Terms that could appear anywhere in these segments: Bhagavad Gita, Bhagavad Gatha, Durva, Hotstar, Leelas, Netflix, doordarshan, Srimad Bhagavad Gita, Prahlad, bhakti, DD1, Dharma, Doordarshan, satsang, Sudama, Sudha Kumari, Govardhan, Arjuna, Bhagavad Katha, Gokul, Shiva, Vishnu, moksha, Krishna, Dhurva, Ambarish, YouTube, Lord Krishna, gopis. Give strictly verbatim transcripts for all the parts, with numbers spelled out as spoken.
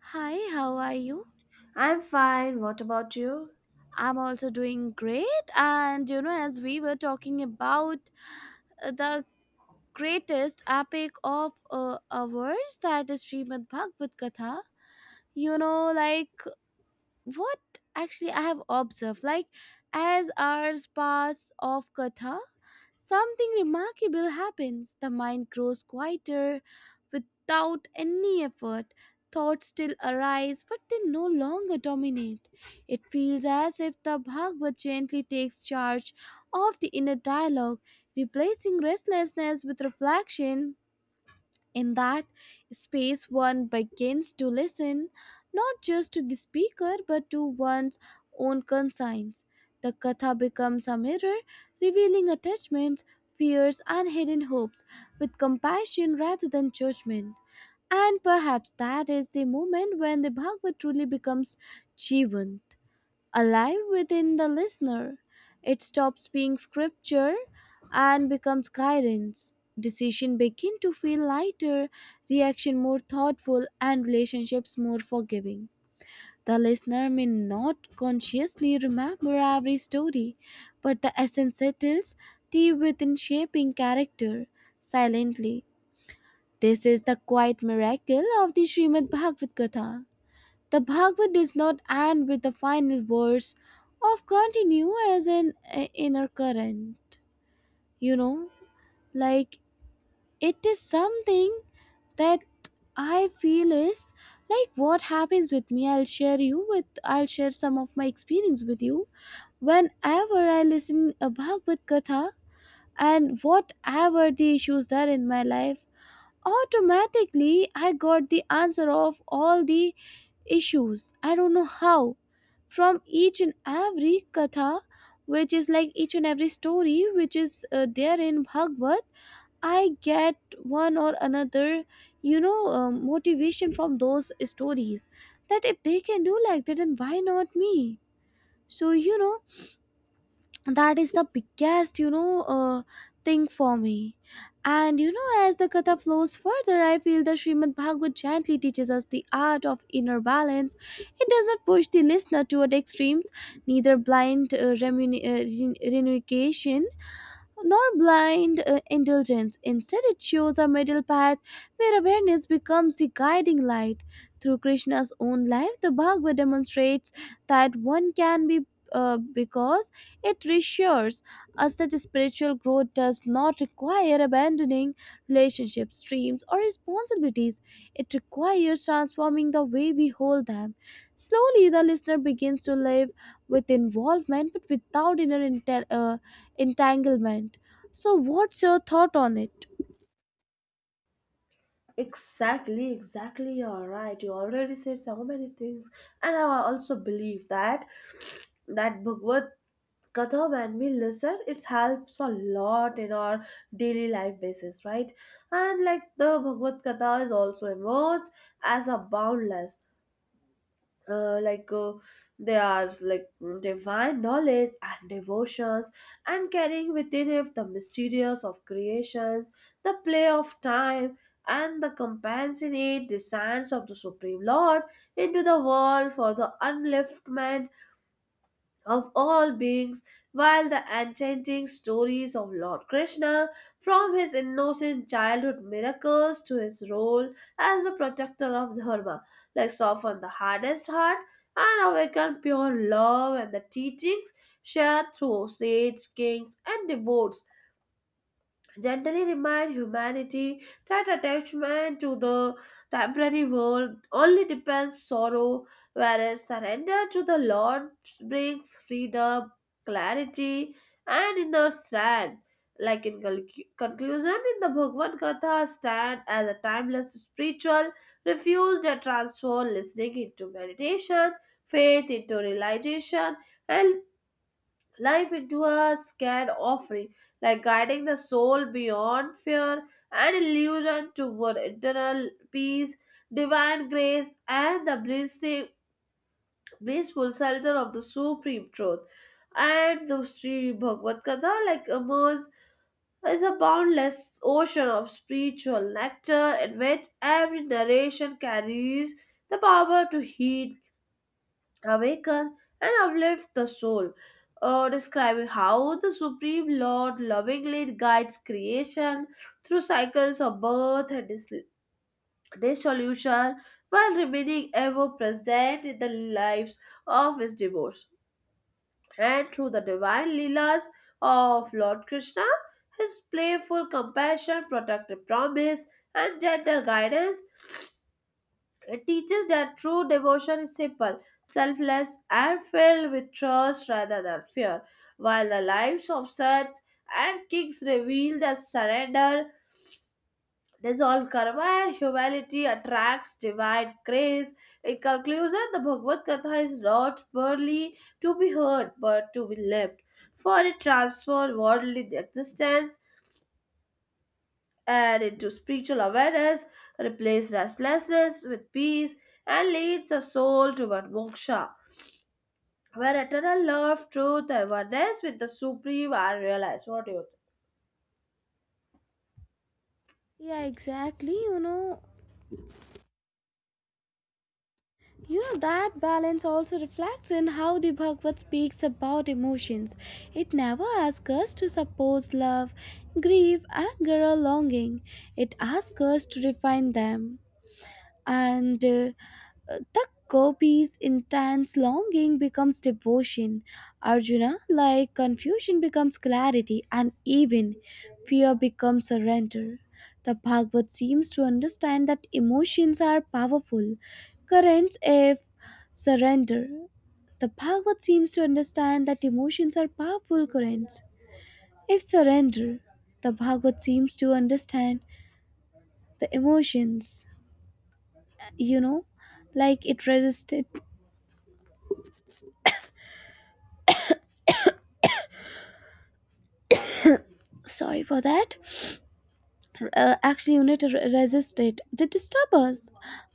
Hi, how are you? I'm fine. What about you? I'm also doing great. And you know, as we were talking about uh, the greatest epic of uh, ours, that is Srimad Bhagavad Gatha. You know, like what actually I have observed, like as hours pass off Katha, something remarkable happens. The mind grows quieter without any effort. Thoughts still arise, but they no longer dominate. It feels as if the Bhagavad gently takes charge of the inner dialogue, replacing restlessness with reflection in that space, one begins to listen not just to the speaker but to one's own conscience. The katha becomes a mirror, revealing attachments, fears, and hidden hopes with compassion rather than judgment. And perhaps that is the moment when the Bhagavad truly becomes Jivan, alive within the listener. It stops being scripture and becomes guidance. Decision begin to feel lighter, reaction more thoughtful, and relationships more forgiving. The listener may not consciously remember every story, but the essence settles deep within shaping character silently. This is the quiet miracle of the Srimad Bhagavad Gita. The Bhagavad does not end with the final verse of continue as an uh, inner current, you know, like it is something that I feel is like what happens with me. I'll share you with I'll share some of my experience with you. Whenever I listen a Bhagavad Katha and whatever the issues that in my life, automatically I got the answer of all the issues. I don't know how from each and every katha, which is like each and every story, which is uh, there in bhagavad, I get one or another, you know, um, motivation from those stories that if they can do like that, then why not me? So, you know, that is the biggest, you know, uh, thing for me. And you know, as the katha flows further, I feel the srimad bhagavat gently teaches us the art of inner balance. It does not push the listener toward extremes, neither blind uh, remun- uh, ren- renunciation nor blind uh, indulgence. Instead, it shows a middle path where awareness becomes the guiding light. Through Krishna's own life, the Bhagavad demonstrates that one can be uh, because it reassures us that spiritual growth does not require abandoning relationships, dreams, or responsibilities. It requires transforming the way we hold them. Slowly, the listener begins to live with involvement but without inner intel- uh, entanglement. So, what's your thought on it? Exactly, exactly. You're right. You already said so many things, and I also believe that that Bhagavad Katha, when we listen, it helps a lot in our daily life basis, right? And like the Bhagavad Katha is also emerged as a boundless. uh, like uh, they are like mm, divine knowledge and devotions and carrying within it the mysterious of creations, the play of time and the compassionate designs of the supreme Lord into the world for the upliftment of all beings, while the enchanting stories of Lord Krishna, from his innocent childhood miracles to his role as the protector of Dharma, like soften the hardest heart and awaken pure love, and the teachings shared through sage kings and devotees gently remind humanity that attachment to the temporary world only depends sorrow, whereas surrender to the Lord brings freedom, clarity, and inner strength. Like in conc- conclusion, in the Bhagavad Gita, stand as a timeless spiritual, refused and transform listening into meditation, faith into realization, and life into a scared offering, like guiding the soul beyond fear and illusion toward eternal peace, divine grace, and the blissing, blissful shelter of the supreme truth. And the Sri Bhagavad Gita, like emerges as a boundless ocean of spiritual nectar, in which every narration carries the power to heal, awaken, and uplift the soul, uh, describing how the Supreme Lord lovingly guides creation through cycles of birth and dis- dissolution while remaining ever present in the lives of his devotees. And through the divine Leelas of Lord Krishna, his playful compassion, protective promise, and gentle guidance, it teaches that true devotion is simple, selfless, and filled with trust rather than fear, while the lives of saints and kings reveal that surrender, dissolve karma, and humility attracts divine grace. In conclusion, the Bhagavad Gita is not merely to be heard but to be lived, for it transforms worldly existence and into spiritual awareness, replace restlessness with peace, and leads the soul toward moksha, where eternal love, truth, and oneness with the supreme are realized. What do you think? Yeah, exactly. You know, you know that balance also reflects in how the Bhagavad speaks about emotions. It never asks us to suppose love, grief, anger, or longing. It asks us to refine them. And uh, Uh, The copy's intense longing becomes devotion. Arjuna, like confusion, becomes clarity, and even fear becomes surrender. The Bhagavad seems to understand that emotions are powerful currents if surrender. The Bhagavad seems to understand that emotions are powerful currents if surrender. The Bhagavad seems to understand the emotions, you know, like it resisted. Sorry for that uh, action unit re- resist it. They disturb us,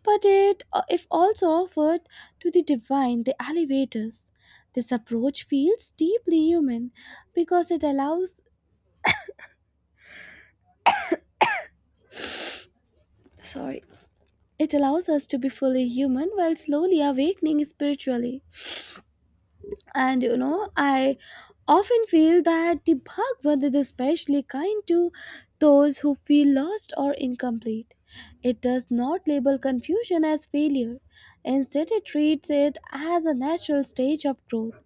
but it, uh, if also offered to the divine, the elevators. This approach feels deeply human because it allows, sorry, it allows us to be fully human while slowly awakening spiritually. And you know, I often feel that the bhagavad is especially kind to those who feel lost or incomplete. It does not label confusion as failure. Instead, it treats it as a natural stage of growth.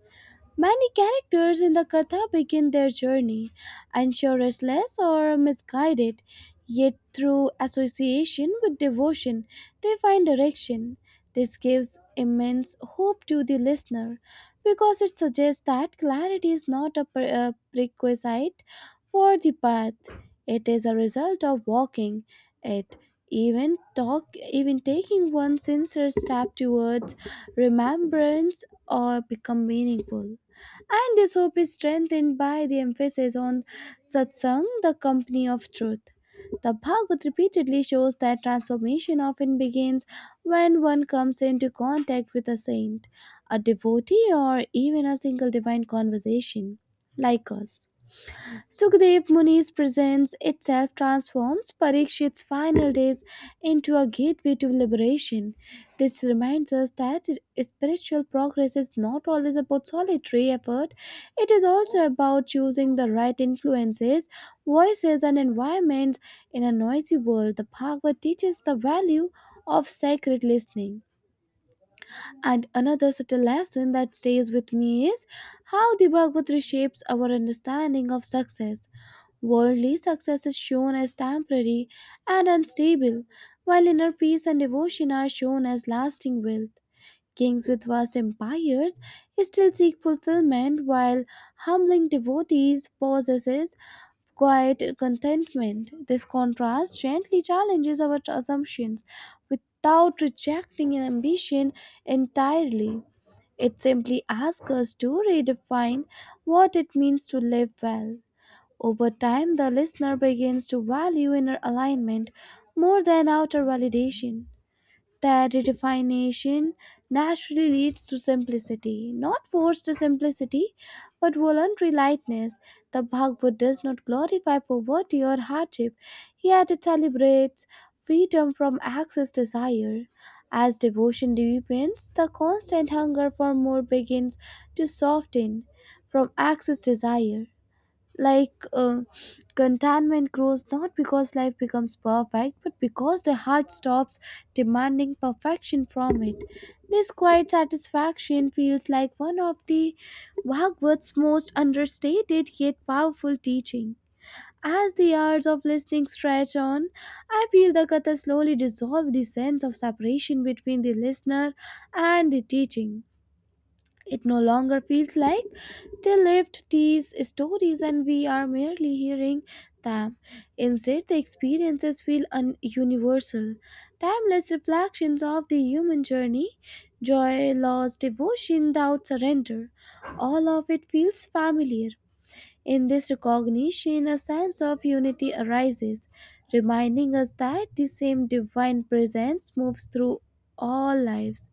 Many characters in the Katha begin their journey, unsure, restless, or misguided, yet through association with devotion, they find direction. This gives immense hope to the listener because it suggests that clarity is not a pre- a prerequisite for the path, it is a result of walking it. Even talk, even taking one sincere step towards remembrance or become meaningful. And this hope is strengthened by the emphasis on satsang, the company of truth. The Bhagavad repeatedly shows that transformation often begins when one comes into contact with a saint, a devotee, or even a single divine conversation like us. Sukhdev Muni's presence itself transforms Parikshit's final days into a gateway to liberation. This reminds us that spiritual progress is not always about solitary effort, it is also about choosing the right influences, voices, and environments in a noisy world. The Bhagavad teaches the value of sacred listening. And another subtle lesson that stays with me is how the Bhagavad reshapes our understanding of success. Worldly success is shown as temporary and unstable, while inner peace and devotion are shown as lasting wealth. Kings with vast empires still seek fulfillment while humbling devotees possesses quiet contentment. This contrast gently challenges our assumptions without rejecting an ambition entirely. It simply asks us to redefine what it means to live well. Over time, the listener begins to value inner alignment more than outer validation. That redefination naturally leads to simplicity, not forced simplicity, but voluntary lightness. The Bhagavad does not glorify poverty or hardship, yet it celebrates freedom from excess desire. As devotion deepens, the constant hunger for more begins to soften from excess desire, like uh, contentment grows, not because life becomes perfect, but because the heart stops demanding perfection from it. This quiet satisfaction feels like one of the Bhagavad's most understated yet powerful teaching. As the hours of listening stretch on, I feel the Katha slowly dissolve the sense of separation between the listener and the teaching. It no longer feels like they lived these stories and we are merely hearing them. Instead, the experiences feel un- universal, timeless reflections of the human journey, joy, loss, devotion, doubt, surrender. All of it feels familiar, in this recognition, a sense of unity arises, reminding us that the same divine presence moves through all lives.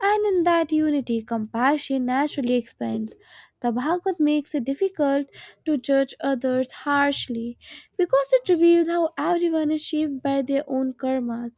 And in that unity, compassion naturally expands. The Bhagavad makes it difficult to judge others harshly because it reveals how everyone is shaped by their own karmas,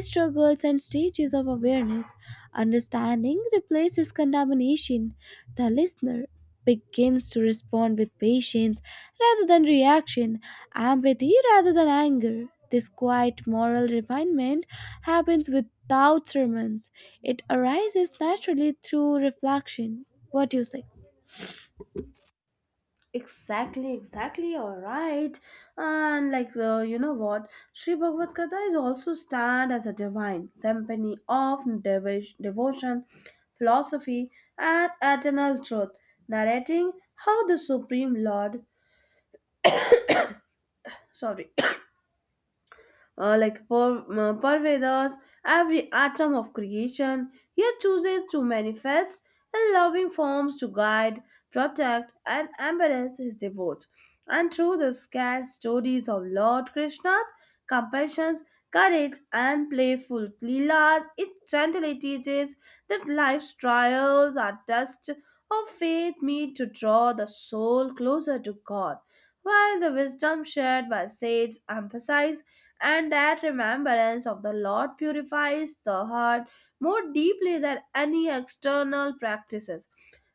struggles, and stages of awareness. Understanding replaces condemnation. The listener begins to respond with patience rather than reaction, empathy rather than anger. This quiet moral refinement happens without sermons. It arises naturally through reflection. What do you say? Exactly, exactly, all right. And like, uh, you know what? Sri Bhagavad Gita is also stand as a divine symphony of devo- devotion, philosophy, and eternal truth, narrating how the Supreme Lord, sorry, uh, like per, uh, pervades every atom of creation, yet chooses to manifest in loving forms to guide, protect, and embrace his devotees. And through the scarce stories of Lord Krishna's compassion, courage, and playful Leelas, it gently teaches that life's trials are tests of faith meet to draw the soul closer to God, while the wisdom shared by sage emphasizes and that remembrance of the Lord purifies the heart more deeply than any external practices.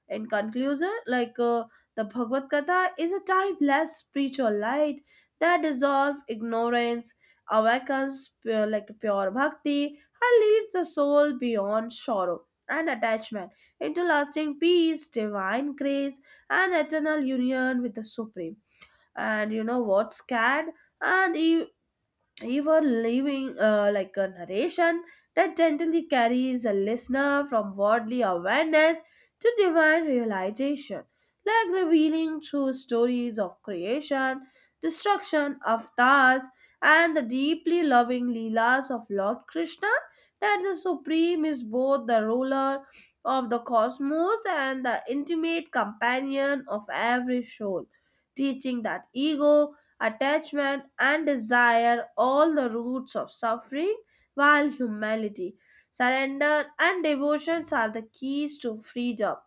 In conclusion, like uh, the Bhagavad Gita is a timeless spiritual light that dissolves ignorance, awakens pure, like pure bhakti, and leads the soul beyond sorrow and attachment into lasting peace, divine grace, and eternal union with the Supreme. And you know what's scared? And e- you were leaving uh, like a narration that gently carries the listener from worldly awareness to divine realization, like revealing through stories of creation, destruction, avatars, and the deeply loving Leelas of Lord Krishna, that the Supreme is both the ruler of the cosmos and the intimate companion of every soul, teaching that ego, attachment, and desire, all the roots of suffering, while humility, surrender, and devotions are the keys to freedom.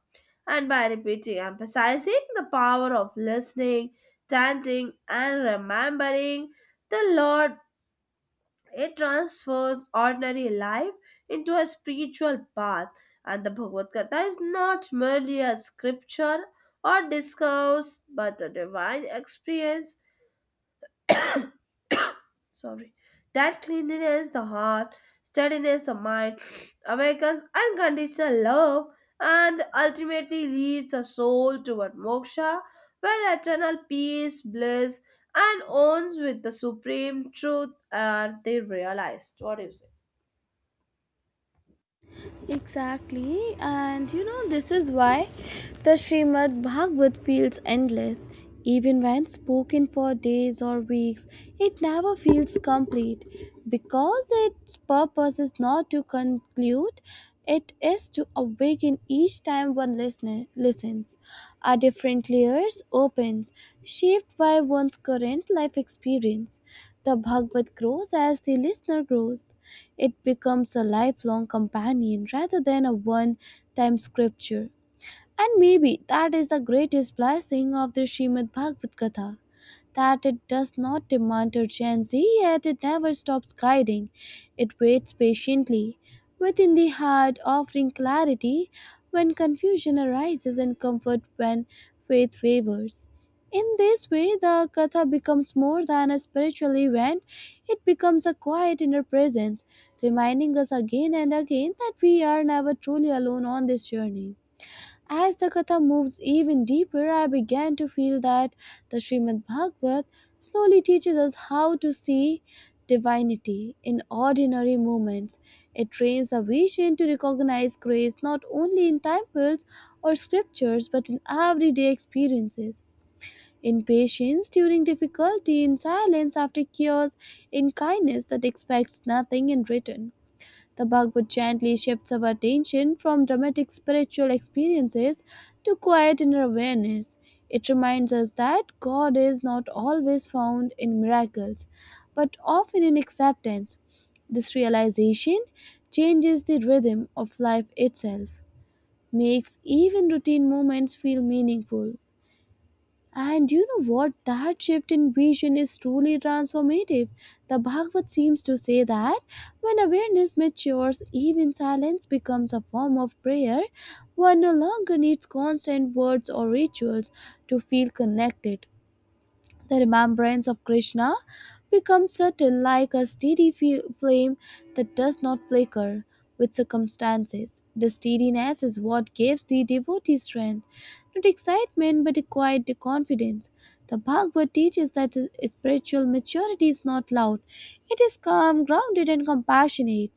And by repeating, emphasizing the power of listening, chanting, and remembering the Lord, it transfers ordinary life into a spiritual path. And the Bhagavad Gita is not merely a scripture or discourse, but a divine experience. Sorry. That cleanliness the heart, steadiness the mind, awakens unconditional love, and ultimately leads the soul toward moksha, where eternal peace, bliss, and owns with the supreme truth are they realized. What do you say? Exactly, and you know, this is why the Srimad Bhagavat feels endless. Even when spoken for days or weeks, it never feels complete because its purpose is not to conclude, it is to awaken each time one listener listens. A different layers opens, shaped by one's current life experience. The Bhagavat grows as the listener grows. It becomes a lifelong companion rather than a one time scripture. And maybe that is the greatest blessing of the Srimad Bhagavad Gita that it does not demand urgency, yet it never stops guiding. It waits patiently within the heart, offering clarity when confusion arises and comfort when faith wavers. In this way, the Katha becomes more than a spiritual event, it becomes a quiet inner presence, reminding us again and again that we are never truly alone on this journey. As the Katha moves even deeper, I began to feel that the Srimad Bhagavat slowly teaches us how to see divinity in ordinary moments. It trains our vision to recognize grace not only in temples or scriptures but in everyday experiences. In patience during difficulty, in silence after chaos, in kindness that expects nothing in return. The Bhagavad gently shifts our attention from dramatic spiritual experiences to quiet inner awareness. It reminds us that God is not always found in miracles, but often in acceptance. This realization changes the rhythm of life itself, makes even routine moments feel meaningful. And you know what? That shift in vision is truly transformative. The Bhagavad seems to say that when awareness matures, even silence becomes a form of prayer. One no longer needs constant words or rituals to feel connected. The remembrance of Krishna becomes subtle like a steady fe- flame that does not flicker with circumstances. The steadiness is what gives the devotee strength, not excitement but a quiet confidence. The Bhagavad teaches that spiritual maturity is not loud, it is calm, grounded, and compassionate.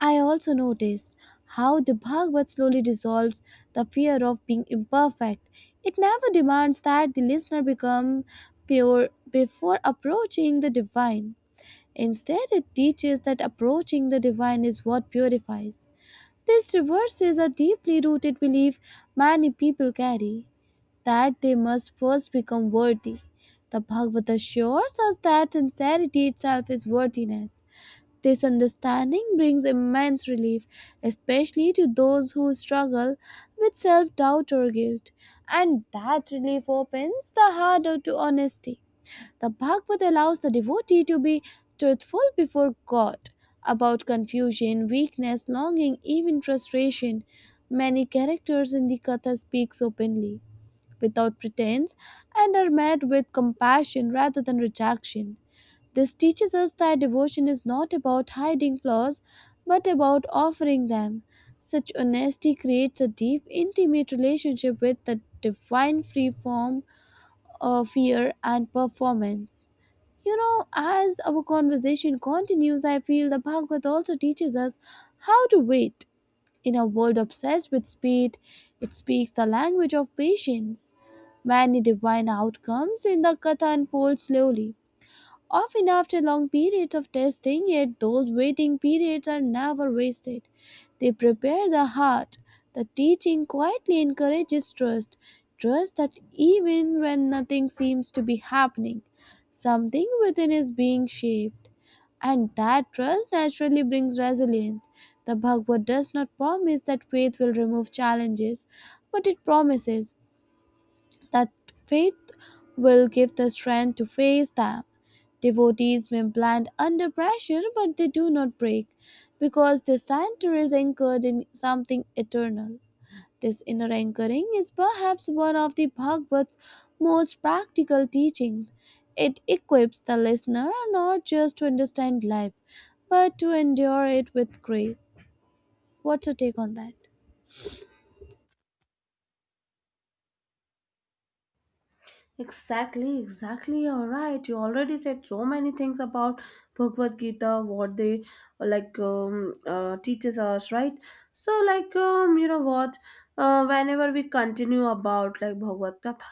I also noticed how the Bhagavad slowly dissolves the fear of being imperfect. It never demands that the listener become pure before approaching the divine. Instead, it teaches that approaching the divine is what purifies. This reverses a deeply rooted belief many people carry that they must first become worthy. The Bhagavad assures us that sincerity itself is worthiness. This understanding brings immense relief, especially to those who struggle with self doubt or guilt, and that relief opens the heart to honesty. The Bhagavad allows the devotee to be truthful before God about confusion, weakness, longing, even frustration. Many characters in the Katha speaks openly, without pretense, and are met with compassion rather than rejection. This teaches us that devotion is not about hiding flaws, but about offering them. Such honesty creates a deep, intimate relationship with the divine free form of fear and performance. You know, as our conversation continues, I feel the Bhagavad also teaches us how to wait. In a world obsessed with speed, it speaks the language of patience. Many divine outcomes in the Katha unfold slowly, often after long periods of testing, yet those waiting periods are never wasted. They prepare the heart. The teaching quietly encourages trust. Trust that even when nothing seems to be happening, something within is being shaped. And that trust naturally brings resilience. The Bhagavad does not promise that faith will remove challenges, but it promises that faith will give the strength to face them. Devotees may bend under pressure, but they do not break because their center is anchored in something eternal. This inner anchoring is perhaps one of the Bhagavad's most practical teachings. It equips the listener not just to understand life, but to endure it with grace. What's your take on that? Exactly, exactly. You're right. You already said so many things about Bhagavad Gita, what they like um, uh, teaches us, right? So, like um, you know what? Uh, whenever we continue about like Bhagavad Gita,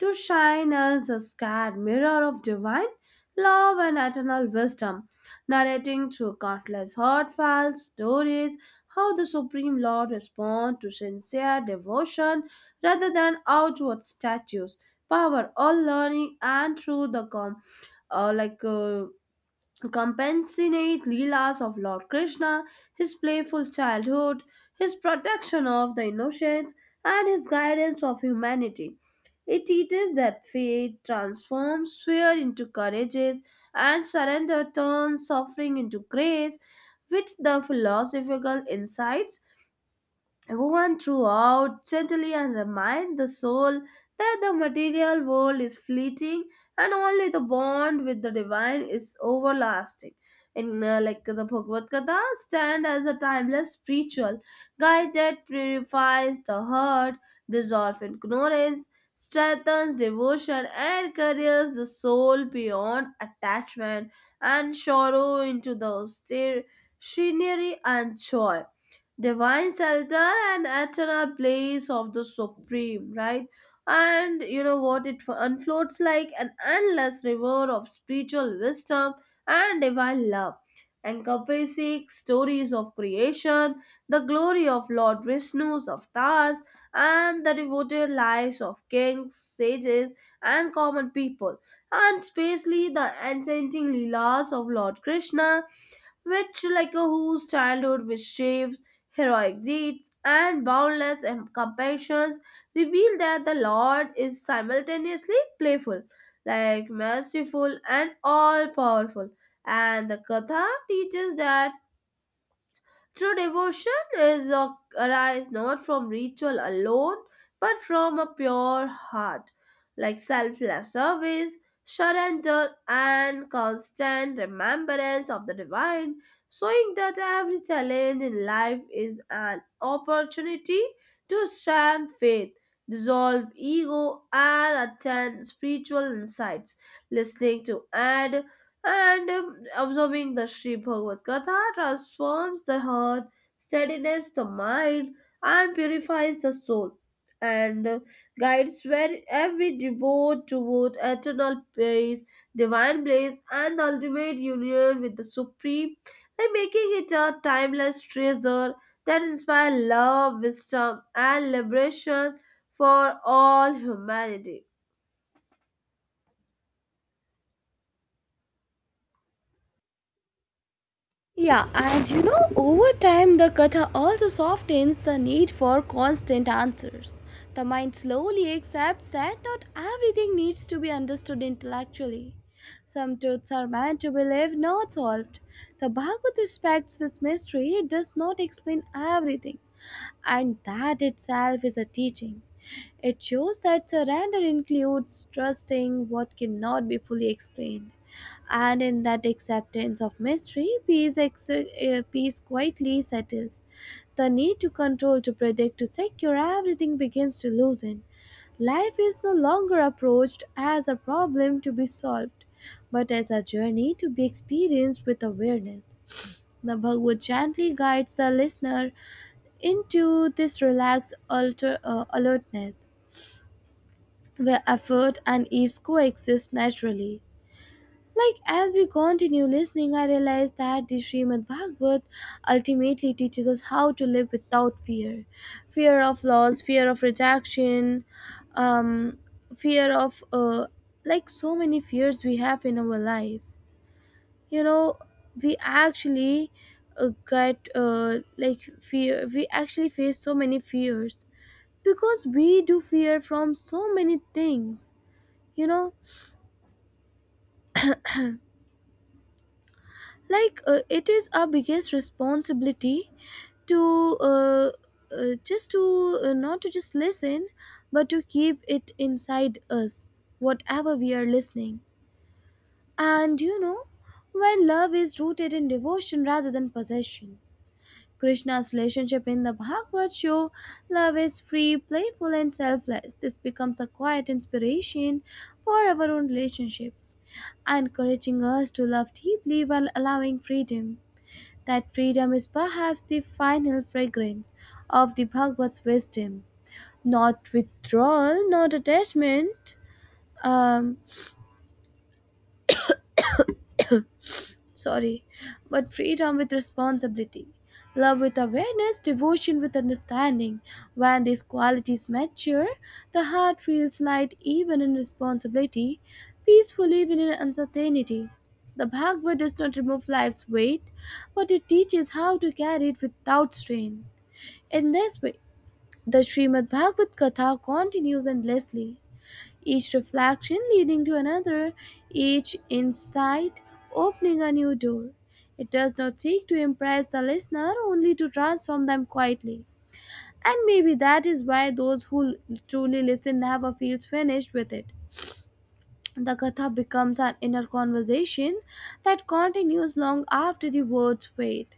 to shine as a scared mirror of divine love and eternal wisdom, narrating through countless heartfelt stories how the Supreme Lord responds to sincere devotion rather than outward statues. Power all learning, and through the com- uh, like uh, to compensate Leelas of Lord Krishna, his playful childhood, his protection of the innocents, and his guidance of humanity. It teaches that faith transforms fear into courage and surrender turns suffering into grace, which the philosophical insights woven throughout gently and remind the soul that the material world is fleeting and only the bond with the divine is everlasting. In uh, like the Bhagavad Gita, stand as a timeless spiritual guide that purifies the heart, dissolves ignorance, strengthens devotion, and carries the soul beyond attachment and sorrow into the austere scenery and joy, divine shelter and eternal place of the supreme right. And you know what, it unfloats like an endless river of spiritual wisdom and divine love, encompassing stories of creation, the glory of Lord Vishnu's avatars and the devoted lives of kings, sages, and common people, and especially the enchanting Leelas of Lord Krishna, which like a whose childhood was shaped, heroic deeds, and boundless compassion reveal that the Lord is simultaneously playful, like merciful and all powerful. And the Katha teaches that true devotion is a, arise not from ritual alone, but from a pure heart, like selfless service, surrender, and constant remembrance of the divine, showing that every challenge in life is an opportunity to strengthen faith, dissolve ego, and attain spiritual insights. Listening to add and um, absorbing the Sri Bhagavad gatha transforms the heart, steadiness the mind, and purifies the soul, and uh, guides very, every devote toward eternal peace, divine bliss, and the ultimate union with the Supreme, by making it a timeless treasure that inspires love, wisdom, and liberation for all humanity. Yeah, and you know, over time, the katha also softens the need for constant answers. The mind slowly accepts that not everything needs to be understood intellectually. Some truths are meant to be lived, not solved. The Bhagavad respects this mystery. It does not explain everything, and that itself is a teaching. It shows that surrender includes trusting what cannot be fully explained, and in that acceptance of mystery, peace, ex- uh, peace quietly settles. The need to control, to predict, to secure everything begins to loosen. Life is no longer approached as a problem to be solved, but as a journey to be experienced with awareness. The Bhagavad gently guides the listener into this relaxed alter, uh, alertness where effort and ease coexist naturally. Like as we continue listening, I realize that the Srimad Bhagavat ultimately teaches us how to live without fear, fear of loss, fear of rejection, um, fear of uh, like so many fears we have in our life. You know, we actually uh, get uh, like fear. We actually face so many fears because we do fear from so many things, you know, like uh, it is our biggest responsibility to uh, uh, just to uh, not to just listen, but to keep it inside us whatever we are listening. And you know, when love is rooted in devotion rather than possession, Krishna's relationship in the Bhagavad show love is free, playful, and selfless. This becomes a quiet inspiration for our own relationships, encouraging us to love deeply while allowing freedom. That freedom is perhaps the final fragrance of the Bhagavad's wisdom. Not withdrawal, not attachment, um, Sorry, but freedom with responsibility, love with awareness, devotion with understanding. When these qualities mature, the heart feels light even in responsibility, peaceful even in uncertainty. The Bhagavad does not remove life's weight, but it teaches how to carry it without strain. In this way, the Srimad Bhagavad Katha continues endlessly, each reflection leading to another, each insight opening a new door. It does not seek to impress the listener, only to transform them quietly. And maybe that is why those who truly listen never feel finished with it. The Katha becomes an inner conversation that continues long after the words fade.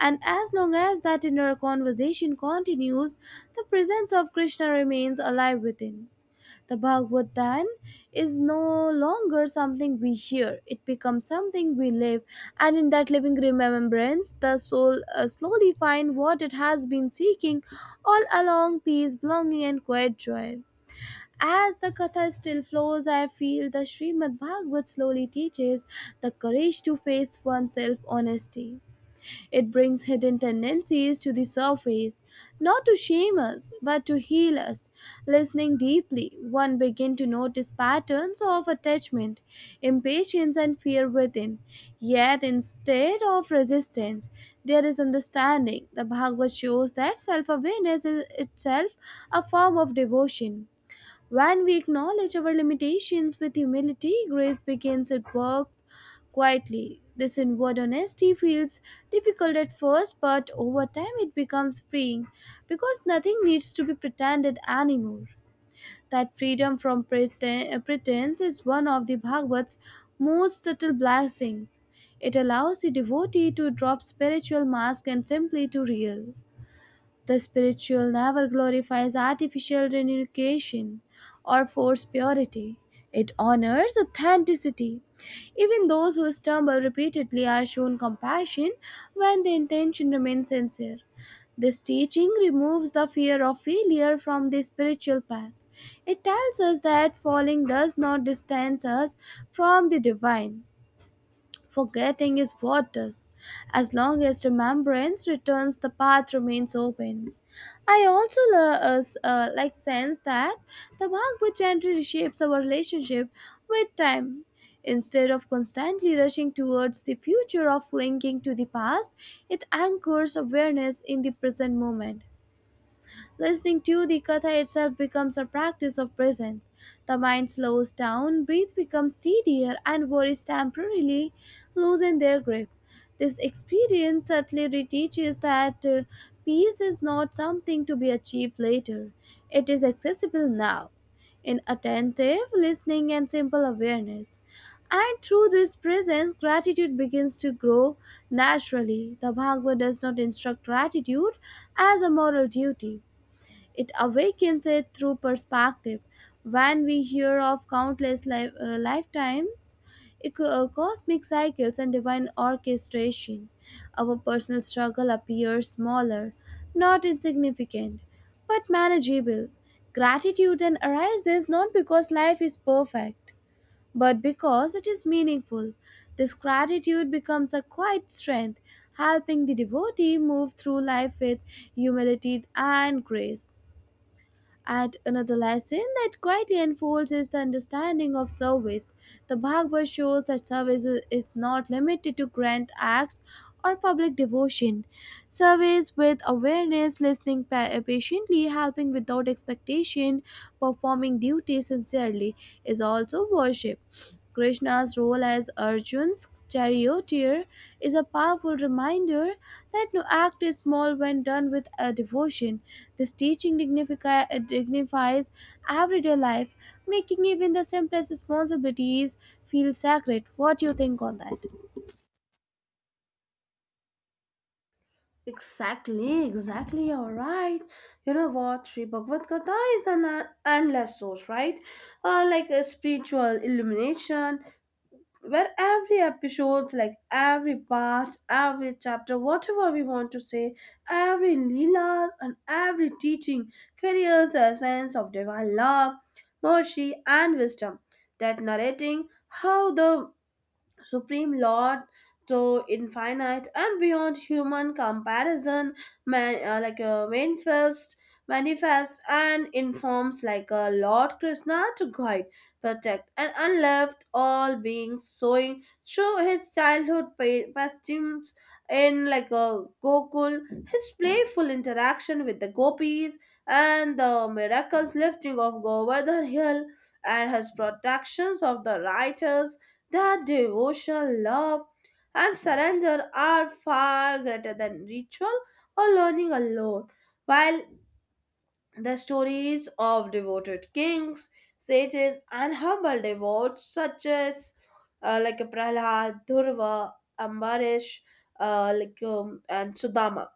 And as long as that inner conversation continues, the presence of Krishna remains alive within. The Bhagavatam is no longer something we hear, it becomes something we live, and in that living remembrance, the soul uh, slowly finds what it has been seeking all along: peace, belonging, and quiet joy. As the Katha still flows, I feel the Srimad Bhagavat slowly teaches the courage to face oneself honesty. It brings hidden tendencies to the surface, not to shame us, but to heal us. Listening deeply, one begins to notice patterns of attachment, impatience, and fear within. Yet, instead of resistance, there is understanding. The Bhagavad shows that self awareness is itself a form of devotion. When we acknowledge our limitations with humility, grace begins at work quietly. This inward honesty feels difficult at first, but over time it becomes freeing because nothing needs to be pretended anymore. That freedom from preten- uh, pretense is one of the Bhagavat's most subtle blessings. It allows the devotee to drop spiritual mask and simply to real. The spiritual never glorifies artificial renunciation or forced purity. It honors authenticity. Even those who stumble repeatedly are shown compassion when the intention remains sincere. This teaching removes the fear of failure from the spiritual path. It tells us that falling does not distance us from the divine. Forgetting is what does. As long as remembrance returns, the path remains open. I also la- uh, s- uh, like sense that the work which entry reshapes our relationship with time. Instead of constantly rushing towards the future of clinging to the past, it anchors awareness in the present moment. Listening to the katha itself becomes a practice of presence. The mind slows down, breath becomes steadier, and worries temporarily loosen their grip. This experience subtly reteaches that uh, peace is not something to be achieved later, it is accessible now in attentive listening and simple awareness. And through this presence, gratitude begins to grow naturally. The Bhagavad does not instruct gratitude as a moral duty, it awakens it through perspective. When we hear of countless li- uh, lifetime eco- uh, cosmic cycles and divine orchestration, our personal struggle appears smaller, not insignificant, but manageable. Gratitude then arises not because life is perfect, but because it is meaningful. This gratitude becomes a quiet strength, helping the devotee move through life with humility and grace. At another lesson that quietly unfolds is the understanding of service. The Bhagavad shows that service is is not limited to grand acts or public devotion. Service with awareness, listening pa- patiently, helping without expectation, performing duty sincerely is also worship. Krishna's role as Arjun's charioteer is a powerful reminder that no act is small when done with a devotion. This teaching dignifi- uh, dignifies everyday life, making even the simplest responsibilities feel sacred. What do you think on that? Exactly, exactly. You're right. You know what? Sri Bhagavad Gita is an uh, endless source, right? Uh, like a spiritual illumination, where every episode, like every part, every chapter, whatever we want to say, every lila and every teaching carries the essence of divine love, mercy, and wisdom. That narrating how the Supreme Lord, so infinite and beyond human comparison, man, uh, like a manifest, manifest and informs like a Lord Krishna to guide, protect, and unloved all beings, showing through his childhood pa- pastimes in like a Gokul, his playful interaction with the gopis, and the miraculous lifting of Govardhan Hill, and his protections of the righteous, their devotion, love, and surrender are far greater than ritual or learning alone. While the stories of devoted kings, sages, and humble devotees such as uh, like a Prahlad, Durva, Ambarish, uh, like um, and Sudama,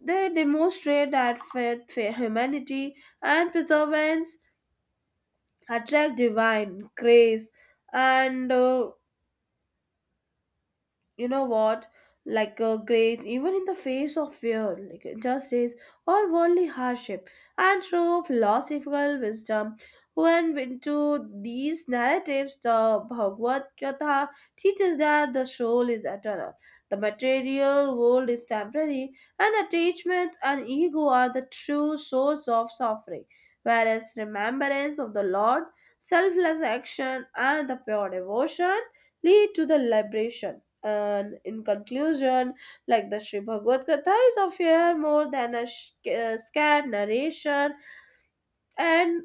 they demonstrate that faith, faith, humanity, and perseverance attract divine grace, and uh, you know what, like uh, grace even in the face of fear, like injustice or worldly hardship. And through philosophical wisdom when into these narratives, the Bhagavad Gita teaches that the soul is eternal, the material world is temporary, and attachment and ego are the true source of suffering, whereas remembrance of the Lord, selfless action, and the pure devotion lead to the liberation. And in conclusion, like the Sri Bhagavad Gita is of here more than a sh- uh, scared narration, and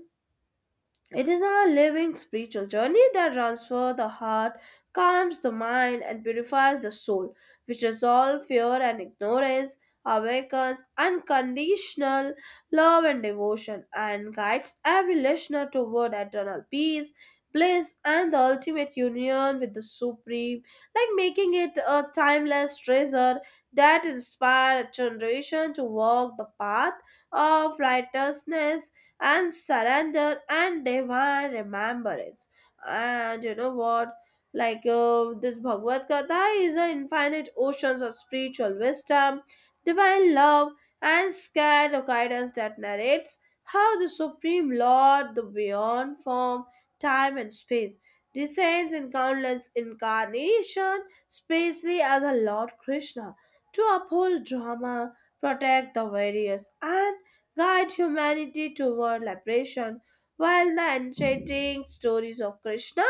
it is a living spiritual journey that transforms the heart, calms the mind, and purifies the soul, which resolves fear and ignorance, awakens unconditional love and devotion, and guides every listener toward eternal peace, bliss, and the ultimate union with the Supreme, like making it a timeless treasure that inspires a generation to walk the path of righteousness and surrender and divine remembrance. And you know what? Like uh, this Bhagavad Gita is an infinite oceans of spiritual wisdom, divine love, and scared guidance that narrates how the Supreme Lord, the beyond form, time, and space, descends in countless incarnation, spacely as a Lord Krishna, to uphold drama, protect the various, and guide humanity toward liberation. While the enchanting stories of Krishna,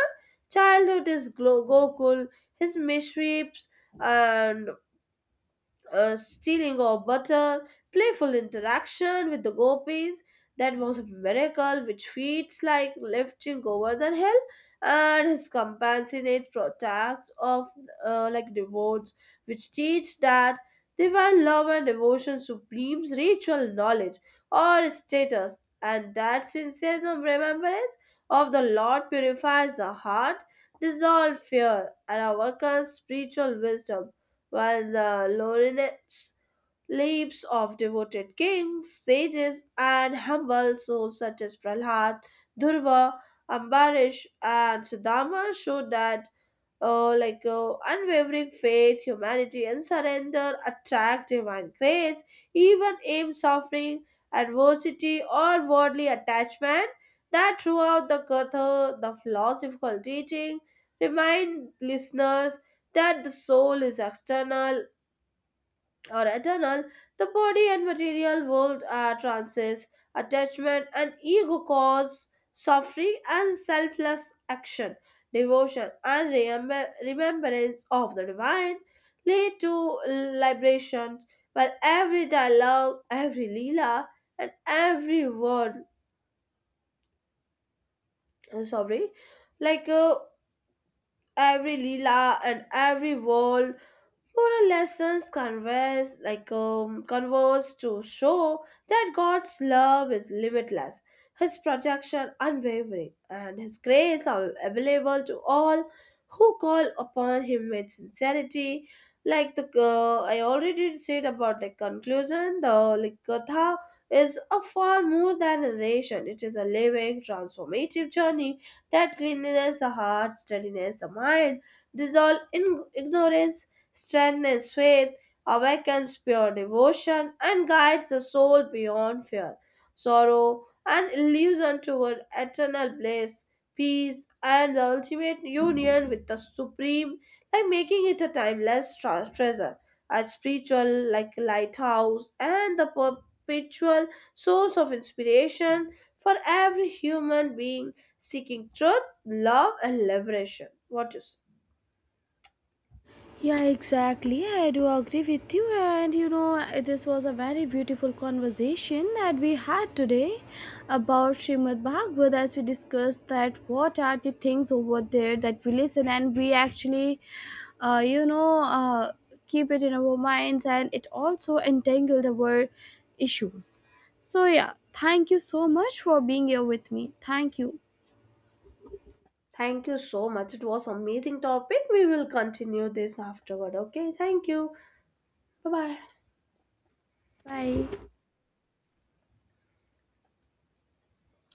childhood is Glo- Gokul, his mischiefs, and uh, stealing of butter, playful interaction with the gopis. That was a miracle which feels like lifting over the hill, and his compassionate protect of uh, like devotes, which teach that divine love and devotion supremes ritual knowledge or status, and that sincere remembrance of the Lord purifies the heart, dissolves fear, and awakens spiritual wisdom, while the lowliness lives of devoted kings, sages, and humble souls such as Prahlad, Dhurva, Ambarish, and Sudama show that uh, like uh, unwavering faith, humanity, and surrender attract divine grace. Even in suffering, adversity, or worldly attachment, that throughout the Gatha, the philosophical teaching remind listeners that the soul is external or eternal, the body and material world are trances, attachment and ego cause suffering, and selfless action, devotion and remember- remembrance of the divine lead to liberation, while every dialogue, every lila, and every word, uh, sorry, like uh, every lila and every word for our lessons converse like um, converse to show that God's love is limitless, His protection unwavering, and His grace are available to all who call upon Him with sincerity. Like the uh, I already said about the conclusion, the like, Gatha is a far more than a narration. It is a living, transformative journey that cleanliness the heart, steadiness the mind, dissolve in ignorance, strength is faith, awakens pure devotion, and guides the soul beyond fear, sorrow, and illusion toward eternal bliss, peace, and the ultimate union with the Supreme, like making it a timeless tra- treasure, a spiritual like lighthouse, and the perpetual source of inspiration for every human being seeking truth, love, and liberation. What you say? Yeah, exactly. I do agree with you. And you know, this was a very beautiful conversation that we had today about Srimad Bhagavad as we discussed that what are the things over there that we listen and we actually, uh, you know, uh, keep it in our minds and it also entangled our issues. So, yeah, thank you so much for being here with me. Thank you. Thank you so much. It was amazing topic. We will continue this afterward. Okay. Thank you. Bye bye. Bye.